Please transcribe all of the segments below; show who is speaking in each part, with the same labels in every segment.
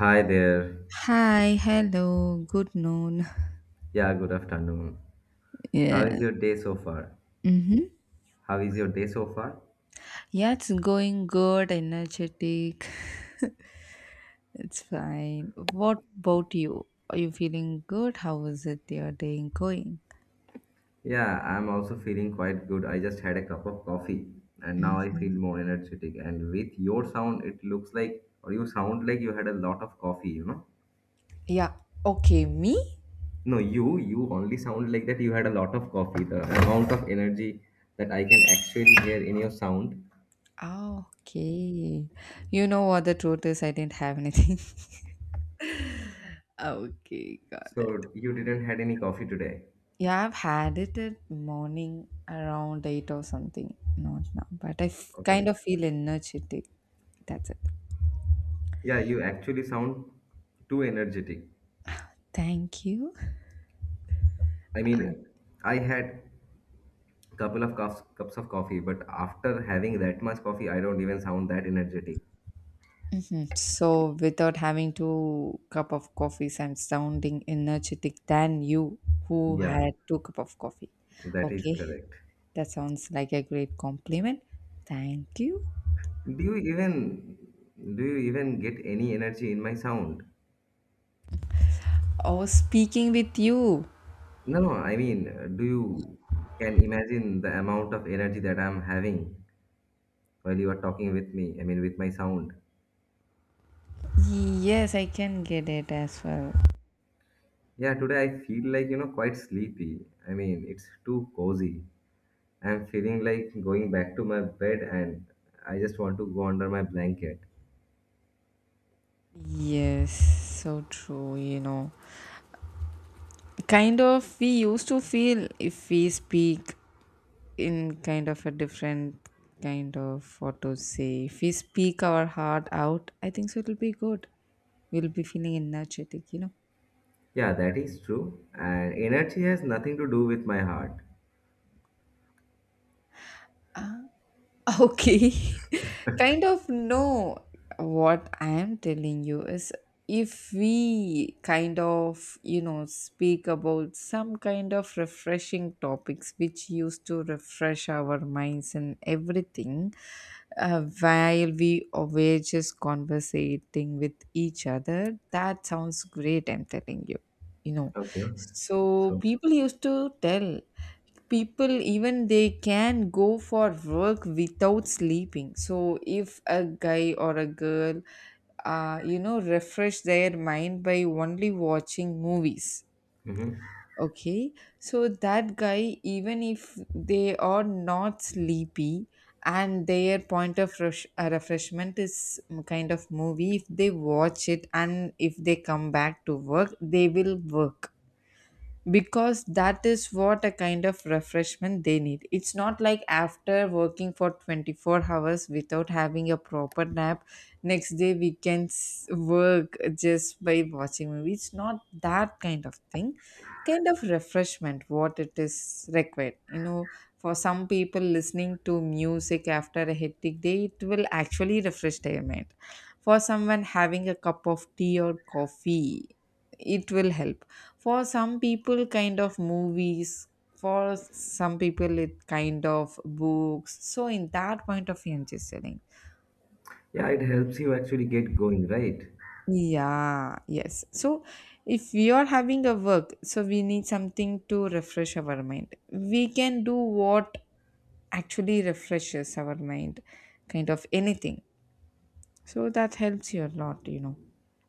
Speaker 1: Hi there.
Speaker 2: Hi, hello, good noon.
Speaker 1: Yeah, good afternoon. How
Speaker 2: Yeah.
Speaker 1: is your day so far?
Speaker 2: Mm-hmm.
Speaker 1: How is your day so far?
Speaker 2: Yeah, it's going good, energetic. It's fine. What about you? Are you feeling good? How is it your day going?
Speaker 1: Yeah, I'm also feeling quite good. I just had a cup of coffee and now I feel
Speaker 2: Hmm.
Speaker 1: more energetic. And with your sound, it looks like, or you sound like you had a lot of coffee, you know?
Speaker 2: Yeah. Okay, me?
Speaker 1: No, you only sound like that you had a lot of coffee. The amount of energy that I can actually hear in your sound.
Speaker 2: Ah, okay. You know what the truth is? I didn't have anything. Okay, got it.
Speaker 1: So you didn't had any coffee today.
Speaker 2: Yeah, I've had it at morning around eight or something. Not now, but
Speaker 1: Okay.
Speaker 2: kind of feel energetic. That's it.
Speaker 1: Yeah, you actually sound too energetic.
Speaker 2: Thank you.
Speaker 1: I mean, I had couple of cups of coffee, but after having that much coffee, I don't even sound that energetic.
Speaker 2: Mhm. So, without having two cup of coffees, I'm sounding energetic than you who
Speaker 1: Yeah,
Speaker 2: had two cup of coffee.
Speaker 1: that is
Speaker 2: Okay,
Speaker 1: correct.
Speaker 2: that sounds like a great compliment. Thank you.
Speaker 1: Do you even do you even get any energy in my sound?
Speaker 2: Oh, speaking with you.
Speaker 1: No, no, I mean, do you can imagine the amount of energy that I'm having while you are talking with me? I mean, with my sound.
Speaker 2: Yes, I can get it as well.
Speaker 1: Yeah, today I feel like, you know, quite sleepy. I mean, it's too cozy. I'm feeling like going back to my bed and I just want to go under my blanket.
Speaker 2: Yes, so true. Kind of, we used to feel if we speak in kind of a different kind of, what to say, if we speak our heart out, I think so it'll be good. We'll be feeling energetic.
Speaker 1: Yeah, that is true. And energy has nothing to do with my heart.
Speaker 2: Okay. Kind of no. What I am telling you is, if we kind of, speak about some kind of refreshing topics which used to refresh our minds and everything, while we were just conversating with each other, that sounds great, I'm telling you. You know,
Speaker 1: Okay.
Speaker 2: so
Speaker 1: So,
Speaker 2: people used to tell people even they can go for work without sleeping. So if a guy or a girl, refresh their mind by only watching movies,
Speaker 1: mhm,
Speaker 2: okay, so that guy, even if they are not sleepy and their point of refreshment is kind of movie, if they watch it and if they come back to work, they will work, because that is what a kind of refreshment they need. It's not like after working for 24 hours without having a proper nap, next day we can work just by watching movie. It's not that kind of thing. Kind of refreshment what it is required. For some people, listening to music after a hectic day, it will actually refresh their mind. For someone having a cup of tea or coffee, it will help. For some people, kind of movies. For some people, it kind of books. So in that point of view, I'm just telling.
Speaker 1: yeah, it helps you actually get going, right?
Speaker 2: Yeah, yes. So if we are having a work, so we need something to refresh our mind. We can do what actually refreshes our mind, kind of anything. So that helps you a lot.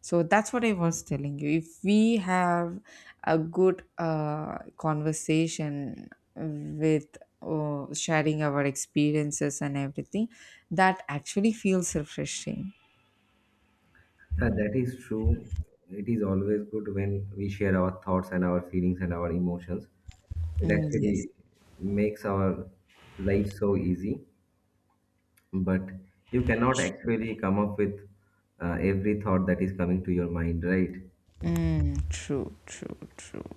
Speaker 2: So that's what I was telling you. If we have a good conversation with sharing our experiences and everything, that actually feels refreshing.
Speaker 1: Yeah, that is true. It is always good when we share our thoughts and our feelings and our emotions. It
Speaker 2: Mm, yes.
Speaker 1: actually makes our life so easy, but you cannot actually come up with every thought that is coming to your mind, right?
Speaker 2: Mm, true, true, true.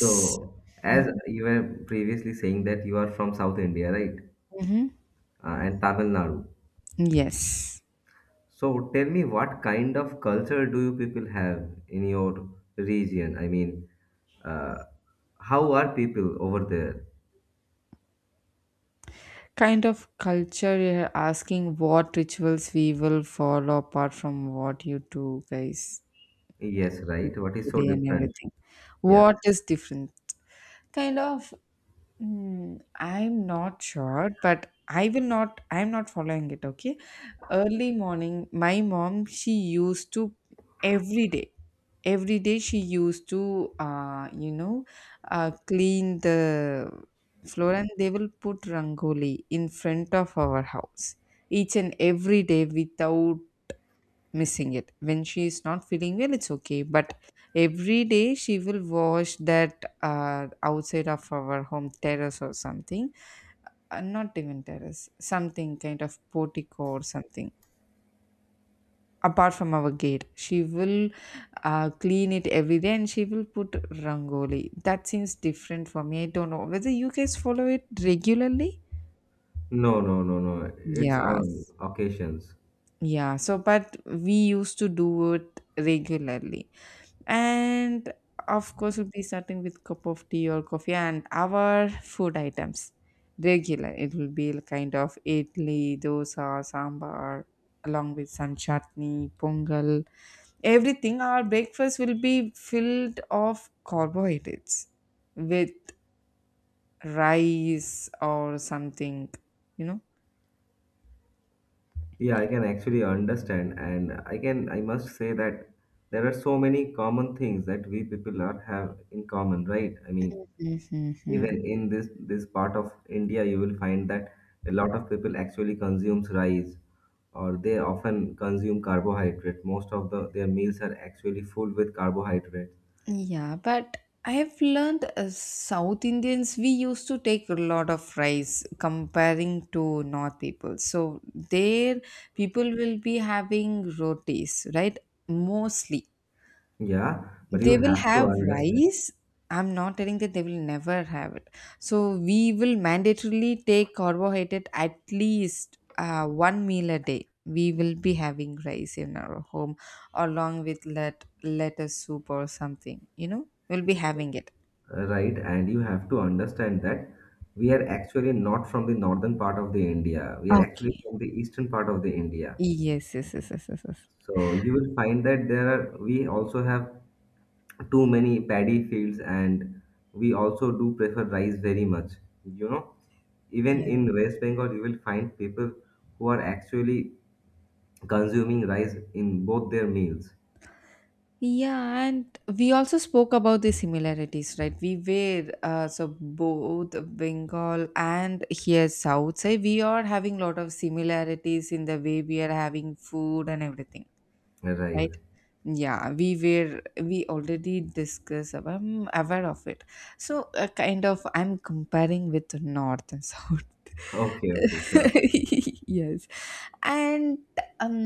Speaker 1: So, as you were previously saying that you are from South India, right?
Speaker 2: Mm-hmm.
Speaker 1: And Tamil Nadu.
Speaker 2: Yes.
Speaker 1: So, tell me what kind of culture do you people have in your region? I mean, uh, how are people over there?
Speaker 2: Kind of culture you're asking, what rituals we will follow apart from what you do, guys.
Speaker 1: Yes, right? What is so
Speaker 2: Today and
Speaker 1: different?
Speaker 2: everything.
Speaker 1: Yeah.
Speaker 2: What is different? Kind of, I'm not sure, but I'm not following it, okay? Early morning, my mom, she used to every day, every day she used to, clean the floor, and they will put rangoli in front of our house each and every day without missing it. When she is not feeling well, it's okay, but every day she will wash that, outside of our home terrace or something. Not even terrace, something kind of portico or something. Apart from our gate, she will clean it every day, and she will put rangoli. That seems different for me. I don't know whether you guys follow it regularly.
Speaker 1: No, no, no, no. It's on
Speaker 2: Yes.
Speaker 1: occasions.
Speaker 2: Yeah, so but we used to do it regularly. And of course, we'll be starting with cup of tea or coffee, and our food items regular, it will be kind of idli dosa sambar, along with some chutney pongal. Everything, our breakfast will be filled of carbohydrates with rice or something, you know.
Speaker 1: Yeah, I can actually understand, and I can, I must say that there are so many common things that we people are have in common, right? I mean,
Speaker 2: Mhm.
Speaker 1: even in this part of India, you will find that a lot of people actually consumes rice, or they often consume carbohydrate. Most of their meals are actually full with carbohydrate.
Speaker 2: Yeah, but I have learned, South Indians, we used to take a lot of rice comparing to North people. So there, people will be having rotis, right? Mostly.
Speaker 1: Yeah, but you
Speaker 2: They will
Speaker 1: have to
Speaker 2: have
Speaker 1: understand,
Speaker 2: rice. I'm not telling that they will never have it. So we will mandatorily take carbohydrate at least one meal a day. We will be having rice in our home, along with lettuce soup or something. You know, we'll be having it.
Speaker 1: right? And you have to understand that we are actually not from the northern part of the India. We are actually
Speaker 2: Okay.
Speaker 1: from the eastern part of the India.
Speaker 2: Yes, yes, yes, yes, yes, yes.
Speaker 1: So you will find that there are, we also have too many paddy fields and we also do prefer rice very much, you know, even
Speaker 2: Yeah.
Speaker 1: in West Bengal you will find people who are actually consuming rice in both their meals,
Speaker 2: Yeah, and we also spoke about the similarities, right? We were, so both Bengal and here South side, we are having lot of similarities in the way we are having food and everything,
Speaker 1: right?
Speaker 2: right? Yeah, we already discussed about, I'm aware of it. So kind of I'm comparing with north and south.
Speaker 1: Okay, okay, sure.
Speaker 2: Yes. And um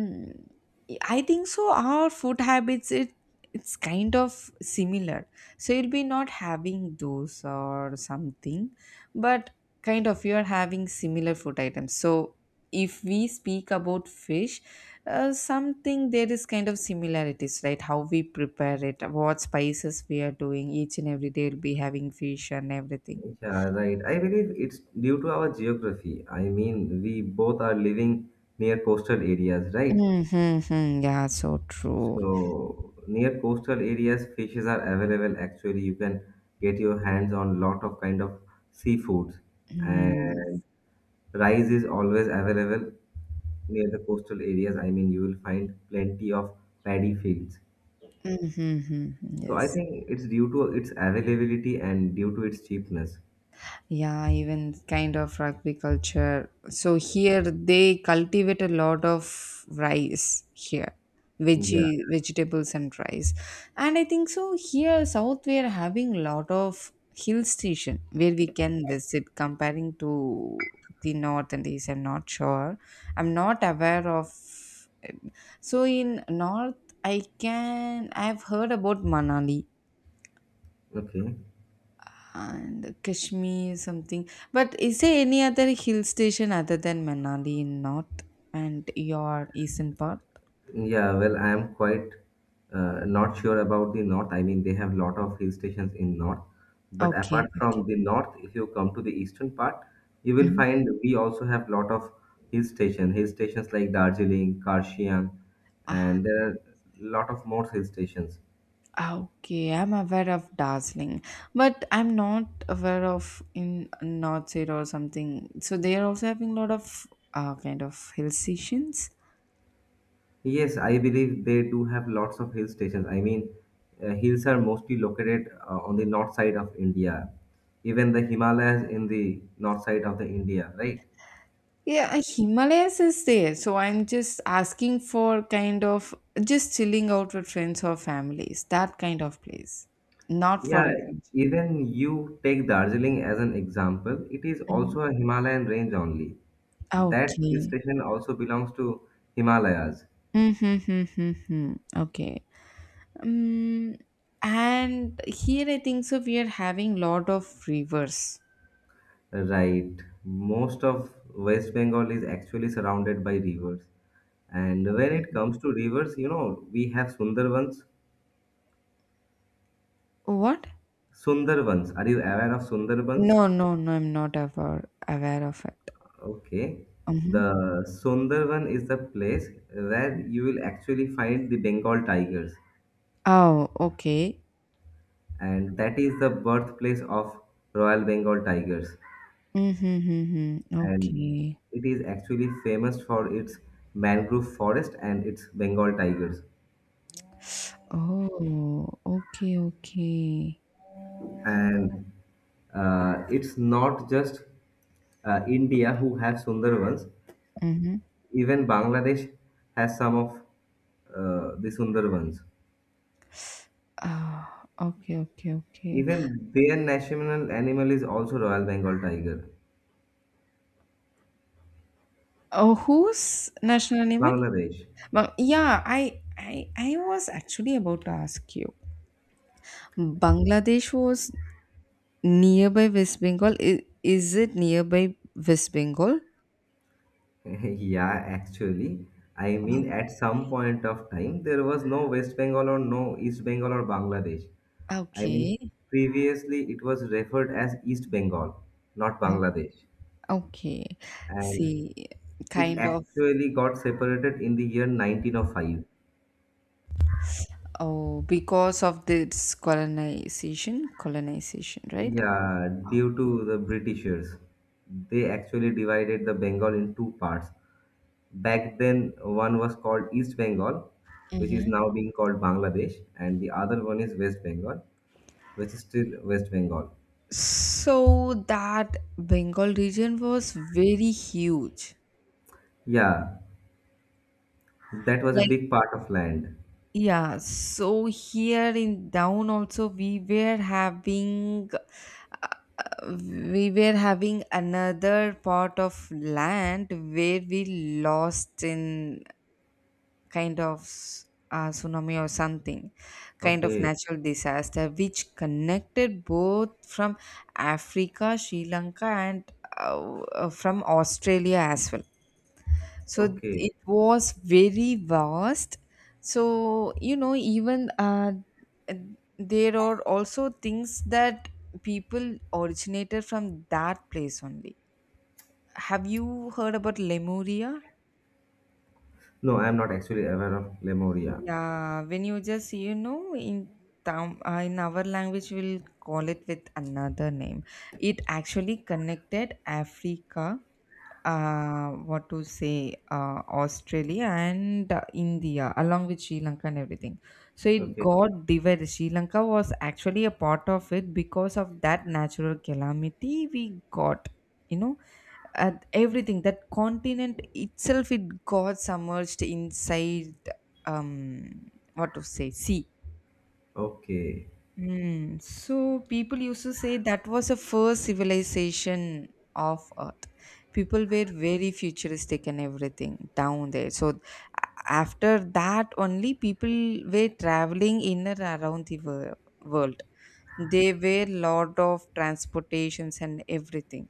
Speaker 2: I think so our food habits, it's kind of similar. So you'll be not having those or something, but kind of you're having similar food items. So if we speak about fish, something, there is kind of similarities, right? How we prepare it, what spices we are doing each and every day. Will be having fish and everything.
Speaker 1: Yeah, right, I believe it's due to our geography. I mean, we both are living near coastal areas, right?
Speaker 2: Mm-hmm, yeah, so true.
Speaker 1: So near coastal areas fishes are available. Actually, you can get your hands on lot of kind of seafoods and rice is always available near the coastal areas. I mean, you will find plenty of paddy fields.
Speaker 2: Mm-hmm,
Speaker 1: So I
Speaker 2: yes.
Speaker 1: think it's due to its availability and due to its cheapness.
Speaker 2: Yeah, even kind of rugby culture. So here they cultivate a lot of rice here,
Speaker 1: Yeah.
Speaker 2: veggie vegetables and rice. And I think so here South we are having lot of hill station where we can visit comparing to the north and east. I'm not sure. I'm not aware of. So in north, I've heard about Manali
Speaker 1: Okay.
Speaker 2: and Kashmir something. But is there any other hill station other than Manali in north and your eastern part?
Speaker 1: Yeah, well, I am quite not sure about the north. I mean, they have lot of hill stations in north, but
Speaker 2: Okay.
Speaker 1: apart from the north, if you come to the eastern part, you will
Speaker 2: Mhm.
Speaker 1: find we also have lot of hill station. Hill stations like Darjeeling, Karshiang,
Speaker 2: Ah,
Speaker 1: and there are lot of more hill stations.
Speaker 2: okay, I'm aware of Darjeeling, but I'm not aware of in North Side or something. So they are also having a lot of kind of hill stations.
Speaker 1: Yes, I believe they do have lots of hill stations. I mean, hills are mostly located on the north side of India. Even the Himalayas in the north side of the India, right?
Speaker 2: Yeah, Himalayas is there. So I'm just asking for kind of just chilling out with friends or families, that kind of place. Not for
Speaker 1: Yeah,
Speaker 2: adventure.
Speaker 1: even you take Darjeeling as an example, it is
Speaker 2: Mhm.
Speaker 1: also a Himalayan range only. That hill
Speaker 2: Okay.
Speaker 1: station also belongs to Himalayas.
Speaker 2: Mm-hmm. Okay. Um, and here I think so we are having lot of rivers.
Speaker 1: Right. Most of West Bengal is actually surrounded by rivers. And when it comes to rivers, you know, we have Sundarbans.
Speaker 2: What?
Speaker 1: Sundarbans. Are you aware of Sundarbans?
Speaker 2: No, no, no, I'm not aware of it.
Speaker 1: Okay.
Speaker 2: Mm-hmm.
Speaker 1: The Sundarban is the place where you will actually find the Bengal tigers,
Speaker 2: Oh, okay.
Speaker 1: and that is the birthplace of Royal Bengal tigers.
Speaker 2: Mm-hmm. Mm-hmm.
Speaker 1: And
Speaker 2: Okay.
Speaker 1: it is actually famous for its mangrove forest and its Bengal tigers.
Speaker 2: Oh, okay, okay.
Speaker 1: And it's not just India who have Sundarbans,
Speaker 2: Mm-hmm.
Speaker 1: even Bangladesh has some of the Sundarbans.
Speaker 2: Ah, okay, okay, okay.
Speaker 1: Even their national animal is also Royal Bengal tiger,
Speaker 2: Oh, who's national animal?
Speaker 1: Bangladesh.
Speaker 2: Well, yeah, I was actually about to ask you. Bangladesh was nearby West Bengal. Is it nearby West Bengal?
Speaker 1: Yeah, actually, I
Speaker 2: Oh,
Speaker 1: mean, at some point of time, there was no West Bengal or no East Bengal or Bangladesh. I mean,
Speaker 2: okay.
Speaker 1: previously it was referred as East Bengal, not
Speaker 2: O-
Speaker 1: Bangladesh.
Speaker 2: Okay.
Speaker 1: And
Speaker 2: See,
Speaker 1: it
Speaker 2: kind of.
Speaker 1: actually got separated in the year 1905.
Speaker 2: Oh, because of this colonization, colonization, right?
Speaker 1: Yeah, due to the Britishers, they actually divided the Bengal in two parts. Back then, one was called East Bengal, which is
Speaker 2: Hmm.
Speaker 1: now being called Bangladesh, and the other one is West Bengal, which is still West Bengal.
Speaker 2: So that Bengal region was very huge.
Speaker 1: Yeah, that was a
Speaker 2: Like.
Speaker 1: big part of land.
Speaker 2: Yeah, so here in down also we were having, another part of land where we lost in kind of tsunami or something, kind of
Speaker 1: Okay,
Speaker 2: natural disaster, which connected both from Africa, Sri Lanka, and from Australia as well. So
Speaker 1: okay.
Speaker 2: it was very vast. So, you know, even there are also things that people originated from that place only. Have you heard about Lemuria?
Speaker 1: No, I'm not actually aware of Lemuria.
Speaker 2: Yeah, when you just, you know, in town, in our language, we'll call it with another name. It actually connected Africa, what to say, Australia and India, along with Sri Lanka and everything. So it
Speaker 1: Okay,
Speaker 2: got divided. Sri Lanka was actually a part of it because of that natural calamity we got. You know, at everything, that continent itself, it got submerged inside, um what to say, sea.
Speaker 1: okay,
Speaker 2: Mm. So people used to say that was the first civilization of Earth. People were very futuristic and everything down there. So after that only people were traveling in and around the world. There were lot of transportations and everything.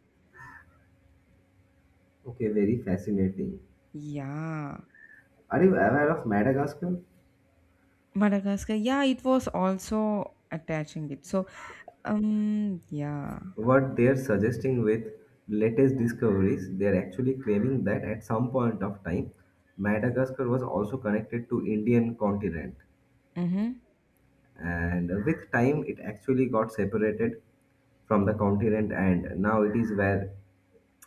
Speaker 1: okay. Very fascinating.
Speaker 2: Yeah.
Speaker 1: Are you aware of Madagascar?
Speaker 2: Madagascar. Yeah, it was also attaching it. So yeah.
Speaker 1: What they're suggesting with latest discoveries, they're actually claiming that at some point of time, Madagascar was also connected to Indian continent.
Speaker 2: Mm-hmm.
Speaker 1: And with time it actually got separated from the continent and now it is where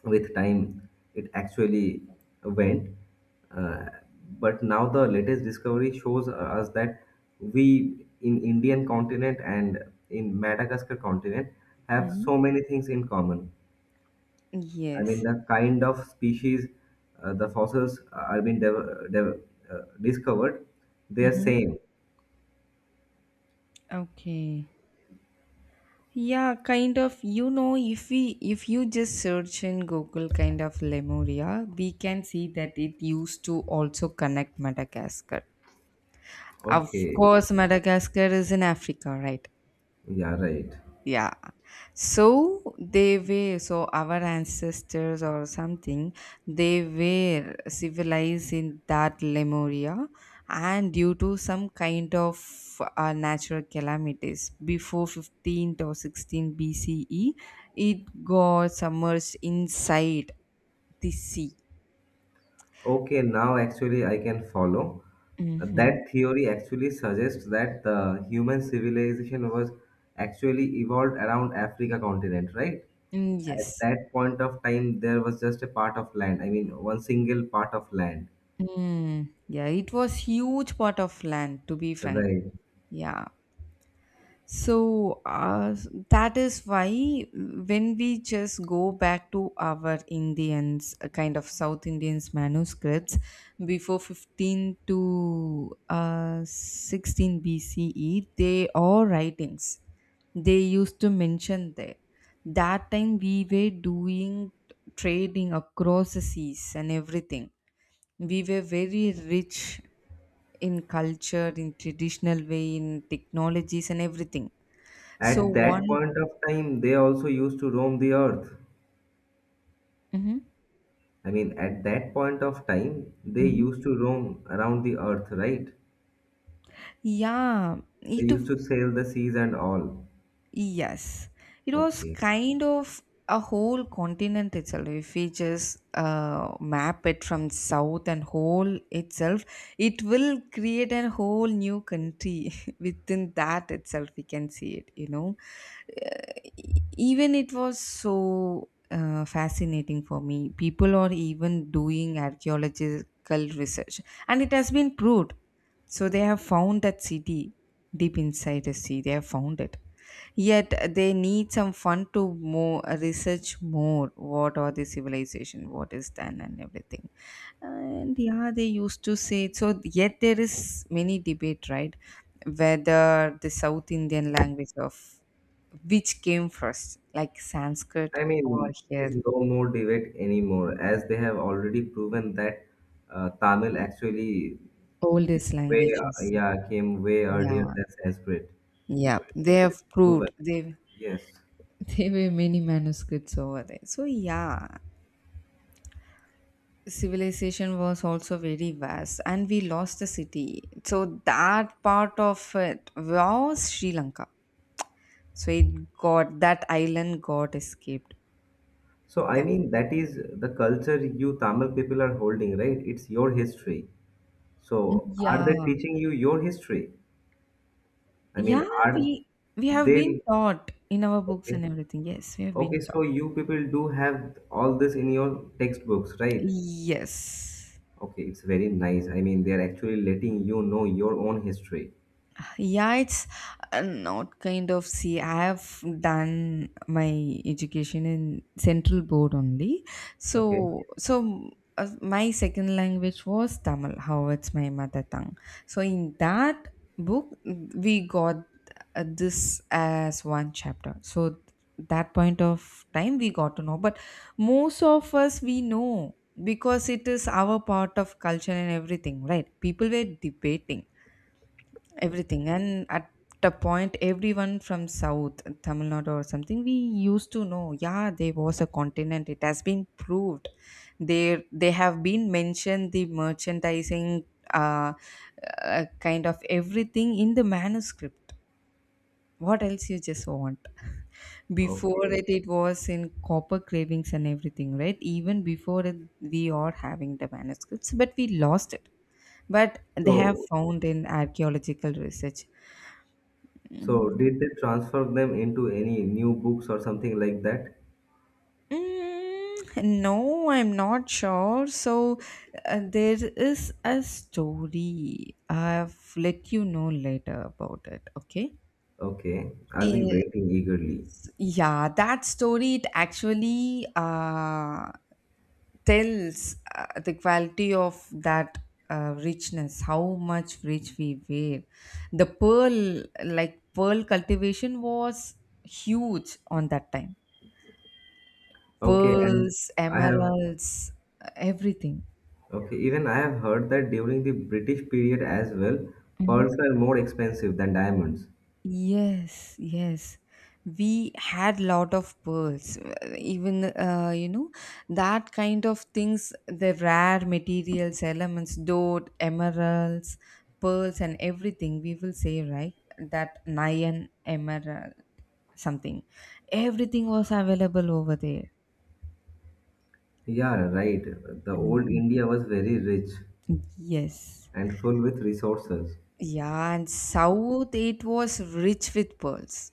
Speaker 1: with time it actually went, uh, but now the latest discovery shows us that we in Indian continent and in Madagascar continent have
Speaker 2: Mm-hmm.
Speaker 1: so many things in common. I mean,
Speaker 2: Yes.
Speaker 1: the kind of species, the fossils are being discovered, they are
Speaker 2: Mm-hmm.
Speaker 1: same.
Speaker 2: Okay. Yeah, kind of. You know, if you just search in Google kind of Lemuria, we can see that it used to also connect Madagascar. Of
Speaker 1: Okay,
Speaker 2: course, Madagascar is in Africa, right?
Speaker 1: yeah, right.
Speaker 2: Yeah. So so our ancestors or something, they were civilized in that Lemuria, and due to some kind of natural calamities before 15th or 16 BCE, it got submerged inside the sea.
Speaker 1: Okay, now actually I can follow.
Speaker 2: Mm-hmm.
Speaker 1: That theory actually suggests that the human civilization was actually evolved around Africa continent, right? At
Speaker 2: Yes.
Speaker 1: that point of time, there was just a part of land. I mean, one single part of land,
Speaker 2: Mm. Yeah, it was huge part of land, to be frank.
Speaker 1: right?
Speaker 2: Yeah. So that is why, when we just go back to our Indians, kind of South Indians manuscripts before 15 to 16 BCE, they are writings. They used to mention there. That time we were doing trading across the seas and everything. We were very rich in culture, in traditional way, in technologies and everything. So
Speaker 1: At that
Speaker 2: one.
Speaker 1: point of time, they also used to roam the earth.
Speaker 2: Hmm.
Speaker 1: I mean, at that point of time, they
Speaker 2: Hmm.
Speaker 1: used to roam around the earth, right?
Speaker 2: Yeah,
Speaker 1: They
Speaker 2: it
Speaker 1: used
Speaker 2: w-
Speaker 1: to sail the seas and all.
Speaker 2: yes, it was
Speaker 1: Okay.
Speaker 2: kind of a whole continent itself. If we just map it from south and whole itself, it will create a whole new country within that itself. We can see it. Uh, Even it was so fascinating for me. People are even doing archaeological research, and it has been proved. So they have found that city deep inside the sea. They have found it. Yet they need some fun to more research more. What are the civilization? What is done and everything? And yeah, they used to say so. Yet there is many debate, right? Whether the South Indian language of which came first, like Sanskrit
Speaker 1: I
Speaker 2: or
Speaker 1: mean, there's
Speaker 2: here
Speaker 1: no more debate anymore, as they have already proven that Tamil actually came
Speaker 2: oldest
Speaker 1: way,
Speaker 2: languages.
Speaker 1: yeah, came way earlier
Speaker 2: Yeah,
Speaker 1: than Sanskrit.
Speaker 2: yeah.
Speaker 1: So it's
Speaker 2: They
Speaker 1: actually
Speaker 2: have
Speaker 1: proven.
Speaker 2: proved they.
Speaker 1: Yes.
Speaker 2: There were many manuscripts over there. So, yeah, civilization was also very vast and we lost the city. So, that part of it was Sri Lanka. So, it got that island got escaped.
Speaker 1: So I
Speaker 2: That's
Speaker 1: mean, that is the culture you Tamil people are holding, right? It's your history. So are they
Speaker 2: yeah,
Speaker 1: teaching you your history? I mean,
Speaker 2: yeah,
Speaker 1: are
Speaker 2: we we have been
Speaker 1: they
Speaker 2: taught in our books
Speaker 1: okay?
Speaker 2: and everything. Yes, we have
Speaker 1: Okay,
Speaker 2: been taught.
Speaker 1: so you people do have all this in your textbooks, right?
Speaker 2: Yes,
Speaker 1: Okay, it's very nice. I mean, they're actually letting you know your own history.
Speaker 2: yeah it's not kind of see I have done my education in central board only
Speaker 1: Okay.
Speaker 2: so my second language was Tamil how it's my mother tongue, so in that book we got this as one chapter, so that point of time we got to know. But most of us we know, because it is our part of culture and everything, right? People were debating everything, and at the point everyone from south Tamil Nadu or something, we used to know, yeah, there was a continent. It has been proved there. They have been mentioned the merchandising, uh, kind of everything in the manuscript. What else you just want? Before
Speaker 1: Okay.
Speaker 2: it was in copper cravings and everything, right? Even before it, we are having the manuscripts but we lost it. But they have
Speaker 1: So,
Speaker 2: found in archaeological research.
Speaker 1: so
Speaker 2: Mm.
Speaker 1: did they transfer them into any new books or something like that?
Speaker 2: Mm, no, I'm not sure. So, there is a story. I've let you know later about it, okay?
Speaker 1: Okay, I'll be
Speaker 2: It's,
Speaker 1: waiting eagerly.
Speaker 2: yeah, that story, it actually tells the quality of that richness, how much rich we were. The pearl, like pearl cultivation was huge on that time.
Speaker 1: Okay, and
Speaker 2: Pearls,
Speaker 1: I have
Speaker 2: emeralds, everything.
Speaker 1: okay, even I have heard that during the British period as well,
Speaker 2: Mhm.
Speaker 1: pearls were more expensive than diamonds.
Speaker 2: Yes, yes. We had lot of pearls. Even you know that kind of things, the rare materials, elements, dote, emeralds, pearls, and everything. We will say right that nyan emerald something. Everything was available over there.
Speaker 1: Yeah, right. The old
Speaker 2: Mhm.
Speaker 1: India was very rich
Speaker 2: Yes.
Speaker 1: and full with resources.
Speaker 2: Yeah, and South it was rich with pearls.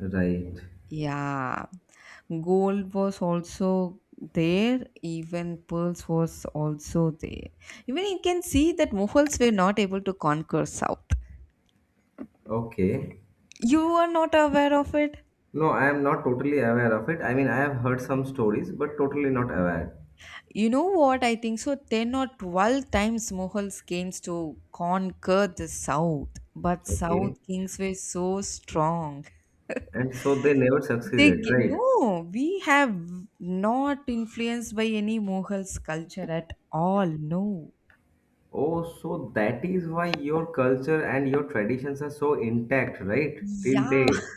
Speaker 1: Right.
Speaker 2: Yeah, gold was also there, even pearls was also there. Even you can see that Mughals were not able to conquer South.
Speaker 1: Okay.
Speaker 2: You are not aware of it?
Speaker 1: No, I am not totally aware of it. I mean, I have heard some stories, but totally not aware.
Speaker 2: You know what? I think so. 10 or 12 times Mughals came to conquer the South, but South
Speaker 1: Okay.
Speaker 2: kings were so strong.
Speaker 1: And so they never succeeded, right?
Speaker 2: No, we have not influenced by any Mughals culture at all. No.
Speaker 1: Oh, so that is why your culture and your traditions are so intact, right?
Speaker 2: Yeah.
Speaker 1: Till date.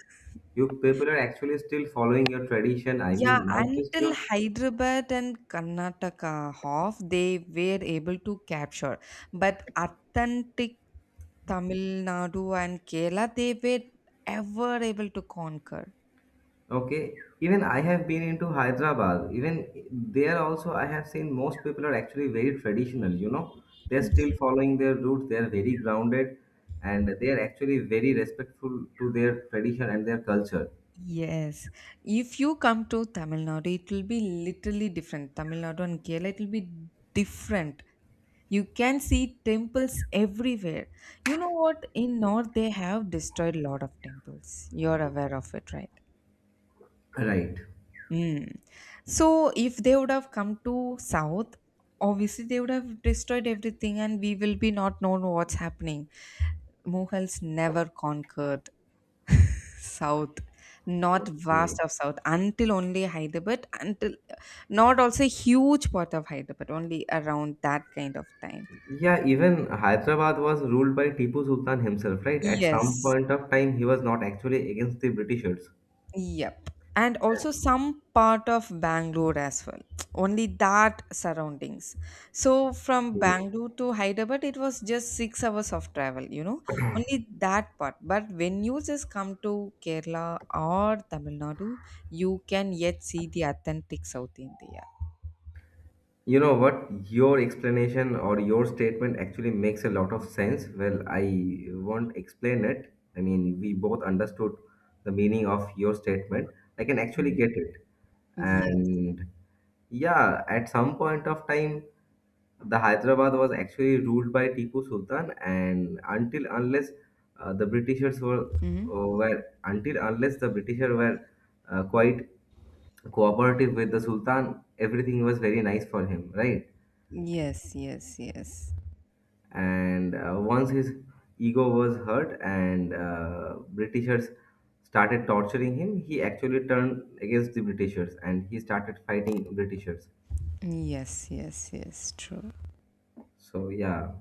Speaker 1: You people are actually still following your tradition. I
Speaker 2: Yeah,
Speaker 1: mean, not just
Speaker 2: until
Speaker 1: your
Speaker 2: Hyderabad and Karnataka half, they were able to capture. But authentic Tamil Nadu and Kerala, they were ever able to conquer.
Speaker 1: okay, even I have been into Hyderabad. Even there also, I have seen most people are actually very traditional, you know. They're still
Speaker 2: Ye-
Speaker 1: following their roots, they're very grounded, and they are actually very respectful to their tradition and their culture.
Speaker 2: Yes. If you come to Tamil Nadu, it will be literally different. Tamil Nadu and Kerala, it will be different. You can see temples everywhere. You know what? In North, they have destroyed a lot of temples. You're aware of it, right?
Speaker 1: Right.
Speaker 2: Mm. So if they would have come to South, obviously they would have destroyed everything and we will be not known what's happening. Mughals never conquered South, not vast
Speaker 1: Okay.
Speaker 2: of South, until only Hyderabad, until not also huge part of Hyderabad, only around that kind of time.
Speaker 1: Yeah, even Hyderabad was ruled by Tipu Sultan himself, right? At some
Speaker 2: Yes,
Speaker 1: point of time, he was not actually against the Britishers.
Speaker 2: yep. And also some part of Bangalore as well. Only that surroundings. So from
Speaker 1: Okay.
Speaker 2: Bangalore to Hyderabad, it was just 6 hours of travel, you know, only that part. But when you just come to Kerala or Tamil Nadu, you can yet see the authentic South India.
Speaker 1: You know what? Your explanation or your statement actually makes a lot of sense. Well, I won't explain it. I mean, we both understood the meaning of your statement. I can actually
Speaker 2: Mhm.
Speaker 1: get it.
Speaker 2: Yes.
Speaker 1: And yeah, at some point of time, the Hyderabad was actually ruled by Tipu Sultan, and uh, the Britishers were
Speaker 2: Hmm.
Speaker 1: until unless the Britishers were quite cooperative with the Sultan. Everything was very nice for him, right?
Speaker 2: Yes, yes, yes.
Speaker 1: And once his ego was hurt and Britishers started torturing him, he actually turned against the Britishers and he started fighting Britishers.
Speaker 2: Yes, yes, yes. True.
Speaker 1: So yeah,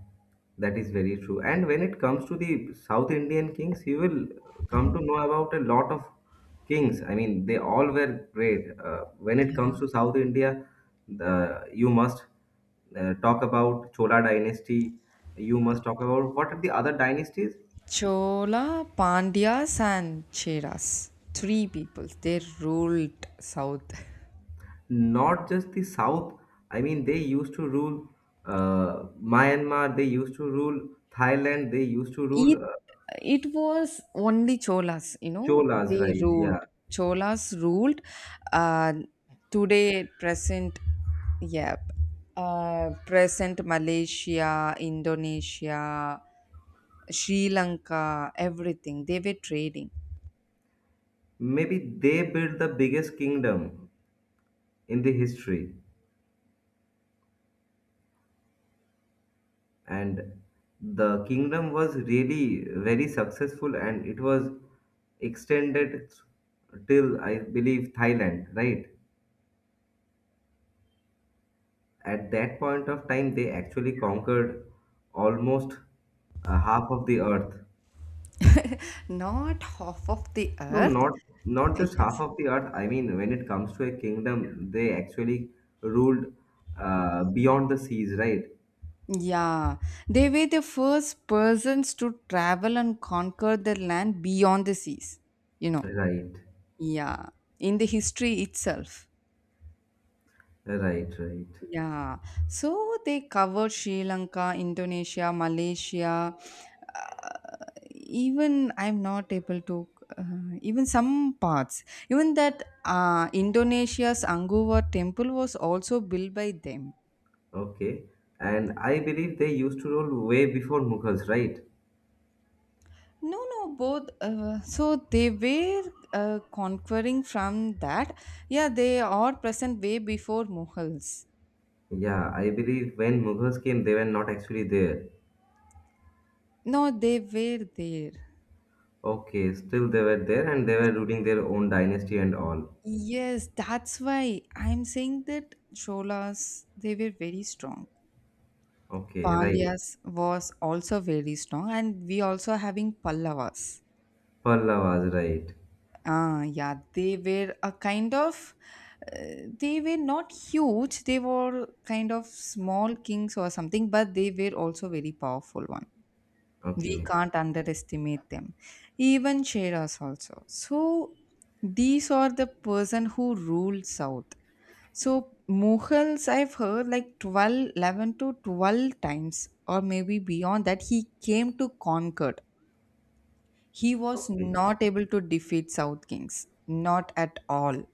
Speaker 1: that is very true. And when it comes to the South Indian kings, you will come to know about a lot of kings. I mean, they all were great. When it comes to South India, you must talk about Chola dynasty. You must talk about what are the other dynasties?
Speaker 2: Chola, Pandyas, and Cheras. Three people they ruled south.
Speaker 1: Not just the South. I mean, they used to rule Myanmar. They used to rule Thailand. They used to
Speaker 2: It
Speaker 1: rule,
Speaker 2: it was only Cholas. You know,
Speaker 1: Cholas,
Speaker 2: they
Speaker 1: right?
Speaker 2: ruled.
Speaker 1: Yeah.
Speaker 2: Cholas ruled. Uh, today, present, yeah, present Malaysia, Indonesia, Sri Lanka, everything. They were trading.
Speaker 1: Maybe they built the biggest kingdom in the history, and the kingdom was really very successful, and it was extended till I believe Thailand, right? At that point of time, they actually conquered almost half of the earth.
Speaker 2: Not half of the
Speaker 1: No,
Speaker 2: earth.
Speaker 1: not not just half
Speaker 2: Yes.
Speaker 1: of the earth. I mean, when it comes to a kingdom, they actually ruled beyond the seas, right?
Speaker 2: Yeah, they were the first persons to travel and conquer the land beyond the seas, you know.
Speaker 1: Right,
Speaker 2: Yeah, in the history itself.
Speaker 1: right, right.
Speaker 2: Yeah, so they covered Sri Lanka, Indonesia, Malaysia, uh, even I'm not able to, even some parts. Even that Indonesia's Angkor Wat temple was also built by them.
Speaker 1: Okay. And I believe they used to rule way before Mughals, right?
Speaker 2: No, no, both. So they were conquering from that. Yeah, they are present way before Mughals.
Speaker 1: Yeah, I believe when Mughals came, they were not actually there.
Speaker 2: No, they were there.
Speaker 1: Okay, still they were there and they were ruling their own dynasty and all.
Speaker 2: Yes, that's why I'm saying that Cholas, they were very strong.
Speaker 1: Okay, right.
Speaker 2: Pandyas was also very strong, and we also having Pallavas.
Speaker 1: Pallavas, right.
Speaker 2: Ah, yeah, they were a kind of, they were not huge. They were kind of small kings or something, but they were also very powerful one. We
Speaker 1: Okay.
Speaker 2: can't underestimate them. Even Sheras also. So these are the person who ruled south. So Mughals, I've heard like 12, 11 to 12 times or maybe beyond that he came to conquer. He was
Speaker 1: Okay.
Speaker 2: not able to defeat south kings, not at all.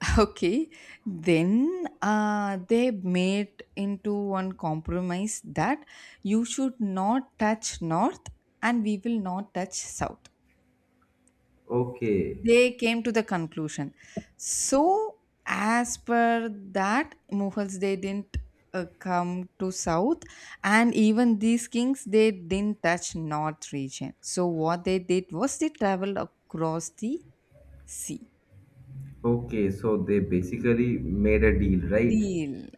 Speaker 2: Okay, then they made into one compromise that you should not touch north and we will not touch south.
Speaker 1: Okay.
Speaker 2: They came to the conclusion. So as per that, Mughals they didn't come to south, and even these kings they didn't touch north region. So what they did was they traveled across the See,
Speaker 1: Okay, so they basically made a deal, right?
Speaker 2: deal.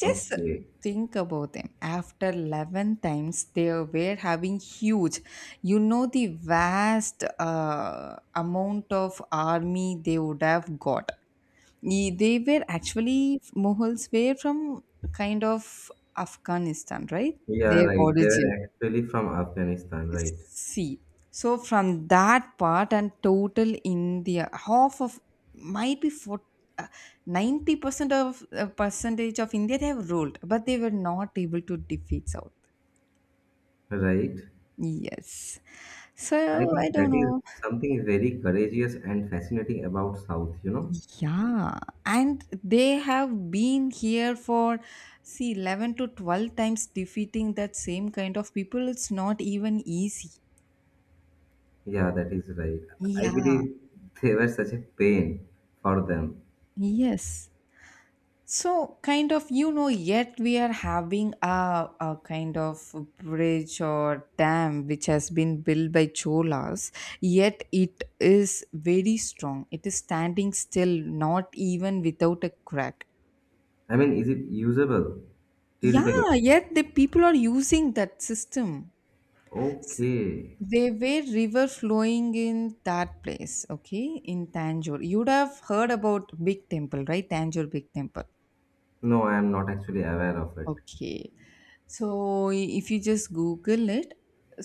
Speaker 2: Just
Speaker 1: Okay.
Speaker 2: think about them. After 11 times, they were having huge, you know, the vast amount of army they would have got. They were actually, Mughals were from kind of Afghanistan, right?
Speaker 1: Yeah,
Speaker 2: Their
Speaker 1: right. They
Speaker 2: origin.
Speaker 1: were actually from Afghanistan, right?
Speaker 2: See, so from that part and total India, half of might be for uh, 90% of percentage of India they have ruled, but they were not able to defeat South.
Speaker 1: Right.
Speaker 2: Yes.
Speaker 1: I
Speaker 2: So I
Speaker 1: think
Speaker 2: don't
Speaker 1: that is
Speaker 2: know.
Speaker 1: something very courageous and fascinating about South, you know?
Speaker 2: Yeah, and they have been here for see 11 to 12 times defeating that same kind of people. It's not even easy.
Speaker 1: Yeah, that is right. I
Speaker 2: Yeah.
Speaker 1: believe they were such a pain for them.
Speaker 2: Yes. So, kind of, you know, yet we are having a kind of bridge or dam which has been built by Cholas, yet it is very strong. It is standing still, not even without a crack.
Speaker 1: I mean, is it usable till date?
Speaker 2: Yeah, yet the people are using that system. S-
Speaker 1: Okay.
Speaker 2: There were river flowing in that place, okay, in Tanjore. You'd have heard about Big Temple, right? Tanjore Big Temple.
Speaker 1: No, I am not actually aware of it.
Speaker 2: Okay. So if you just Google it,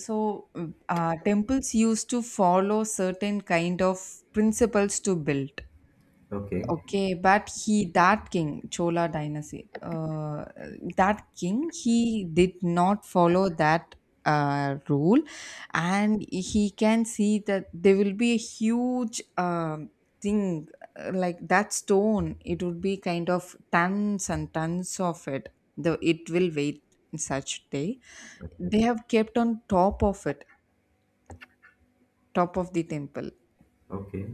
Speaker 2: so temples used to follow certain kind of principles to build.
Speaker 1: Okay.
Speaker 2: Okay, but he that king Chola dynasty that king he did not follow that rule, and he can see that there will be a huge thing like that stone. It would be kind of tons and tons of it. The It will wait in such day.
Speaker 1: Okay.
Speaker 2: They have kept on top of it, top of the temple.
Speaker 1: Okay.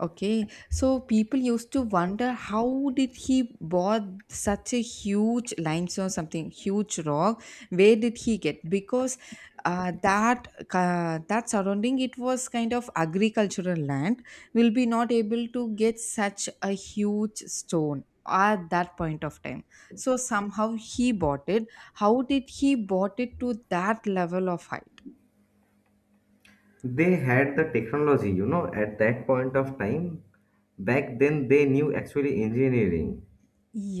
Speaker 2: Okay, so people used to wonder how did he bought such a huge limestone, something huge rock? Where did he get? Because that that surrounding it was kind of agricultural land. Will be not able to get such a huge stone at that point of time. So somehow he bought it. How did he bought it to that level of height?
Speaker 1: They had the technology, you know, at that point of time. Back then, they knew actually engineering.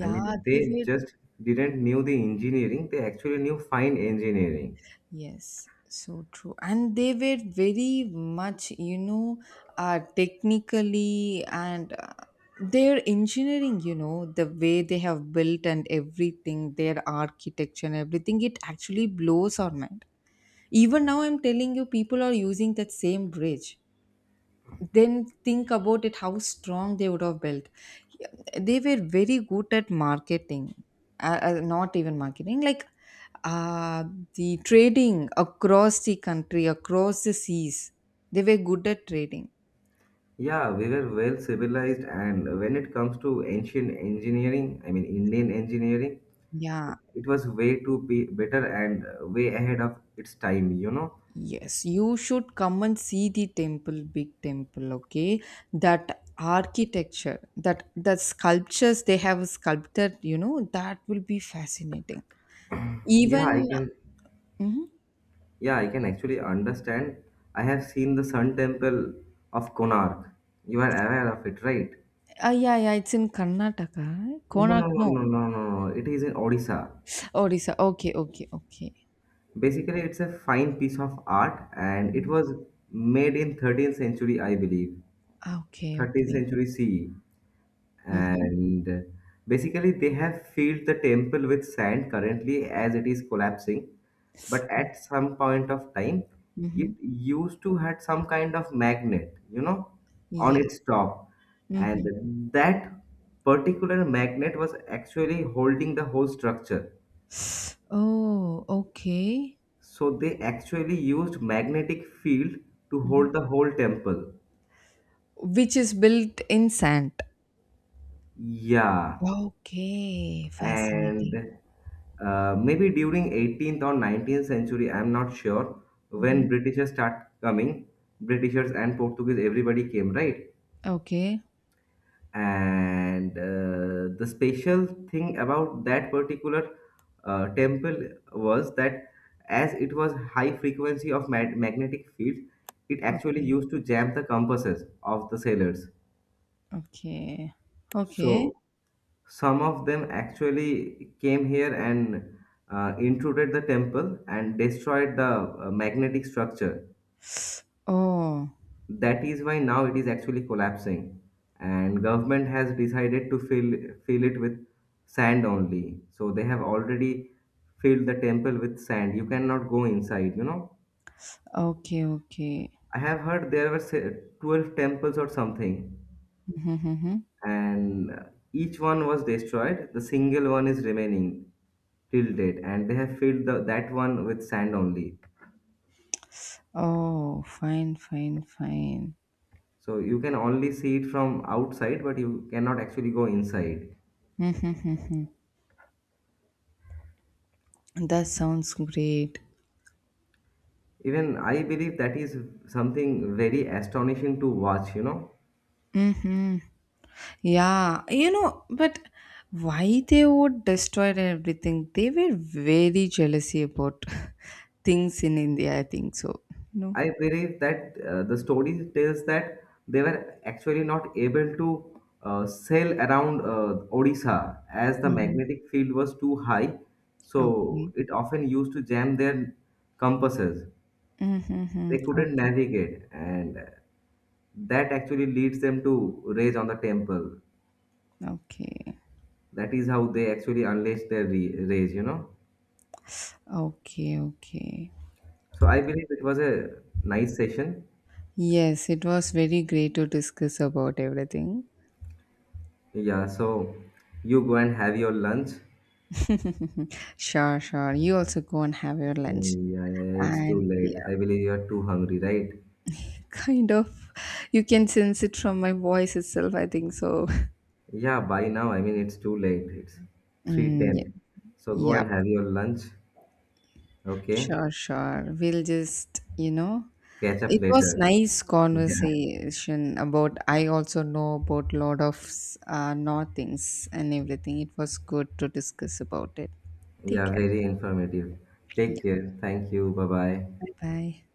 Speaker 1: I mean,
Speaker 2: they
Speaker 1: they
Speaker 2: were.
Speaker 1: just didn't knew the engineering. They actually knew fine engineering.
Speaker 2: Yes, so true. And they were very much, you know, technically and their engineering, you know, the way they have built and everything, their architecture and everything, it actually blows our mind. Even now, I'm telling you, people are using that same bridge. Then think about it, how strong they would have built. They were very good at marketing, not even marketing like, uh, the trading across the country across the seas. They were good at trading.
Speaker 1: Yeah, we were well civilized, and when it comes to ancient engineering, I mean Indian engineering,
Speaker 2: Yeah,
Speaker 1: it was way too be better and way ahead of its time, you know.
Speaker 2: yes, you should come and see the temple, big temple, okay? That architecture, that, the sculptures they have sculpted, you know, that will be fascinating
Speaker 1: Yeah, I
Speaker 2: even.
Speaker 1: can.
Speaker 2: Mhm.
Speaker 1: Yeah, I can actually understand. I have seen the Sun Temple of Konark. You are aware of it, right?
Speaker 2: Ah, yeah, yeah, it's in Karnataka, right?
Speaker 1: No,
Speaker 2: Konak,
Speaker 1: no, no,
Speaker 2: no.
Speaker 1: no, no, no. It is in Odisha.
Speaker 2: Odisha, okay, okay, okay.
Speaker 1: Basically, it's a fine piece of art, and it was made in 13th century, I believe,
Speaker 2: Ah, okay,
Speaker 1: 13th
Speaker 2: okay.
Speaker 1: century CE.
Speaker 2: Mhm,
Speaker 1: And basically, they have filled the temple with sand currently as it is collapsing, but at some point of time it
Speaker 2: mhm.
Speaker 1: used to had some kind of magnet, you know, on
Speaker 2: Yes.
Speaker 1: its top, and
Speaker 2: Mhm.
Speaker 1: that particular magnet was actually holding the whole structure.
Speaker 2: Oh, okay.
Speaker 1: So they actually used magnetic field to
Speaker 2: Mhm.
Speaker 1: hold the whole temple.
Speaker 2: Which is built in sand.
Speaker 1: Yeah.
Speaker 2: Okay,
Speaker 1: And
Speaker 2: fascinating.
Speaker 1: maybe during 18th or 19th century, I'm not sure,
Speaker 2: Mhm.
Speaker 1: when britishers start coming. Britishers and portuguese, everybody came, right?
Speaker 2: Okay,
Speaker 1: And the special thing about that particular temple was that as it was high frequency of magnetic fields, it actually
Speaker 2: okay,
Speaker 1: used to jam the compasses of the sailors.
Speaker 2: okay, okay.
Speaker 1: So some of them actually came here and intruded the temple and destroyed the magnetic structure.
Speaker 2: Oh,
Speaker 1: That is why now it is actually collapsing, and government has decided to fill it with sand only. So they have already filled the temple with sand. You cannot go inside. You know,
Speaker 2: okay, okay.
Speaker 1: I have heard there were 12 temples or something,
Speaker 2: Mhm.
Speaker 1: and each one was destroyed. The single one is remaining till date, and they have filled that one with sand only.
Speaker 2: Oh, fine, fine, fine.
Speaker 1: So you can only see it from outside, but you cannot actually go inside.
Speaker 2: Mhm. That sounds great.
Speaker 1: Even I believe that is something very astonishing to watch, you know.
Speaker 2: Mhm. Yeah, you know, but why they would destroy everything? They were very jealousy about things in India, I think so. No.
Speaker 1: I believe that the story tells that they were actually not able to sail around Odisha as the
Speaker 2: Hmm.
Speaker 1: magnetic field was too high. So
Speaker 2: Okay.
Speaker 1: it often used to jam their compasses.
Speaker 2: Mm-hmm.
Speaker 1: They couldn't
Speaker 2: Okay.
Speaker 1: navigate, and that actually leads them to rage on the temple.
Speaker 2: Okay.
Speaker 1: That is how they actually unleash their rage, you know.
Speaker 2: Okay. Okay.
Speaker 1: So I believe it was a nice session.
Speaker 2: Yes, it was very great to discuss about everything.
Speaker 1: Yeah, so you go and have your lunch.
Speaker 2: Sure, sure. You also go and have your lunch.
Speaker 1: Yeah, yeah, yeah, it's too
Speaker 2: And
Speaker 1: late.
Speaker 2: yeah,
Speaker 1: I believe you are too hungry, right?
Speaker 2: kind of, you can sense it from my voice itself, I think so.
Speaker 1: Yeah, by now, I mean it's too late. It's
Speaker 2: Mm, yeah.
Speaker 1: 3:10. So go
Speaker 2: Yeah.
Speaker 1: and have your lunch, okay?
Speaker 2: Sure, sure. We'll just, you know,
Speaker 1: Catch up
Speaker 2: it was
Speaker 1: later.
Speaker 2: nice
Speaker 1: Yeah.
Speaker 2: conversation about. I also know about lot of no things and everything. It was good to discuss about it. Take
Speaker 1: Yeah,
Speaker 2: care.
Speaker 1: very informative.
Speaker 2: Yeah.
Speaker 1: Take care. Thank you. Bye-bye.
Speaker 2: Bye bye.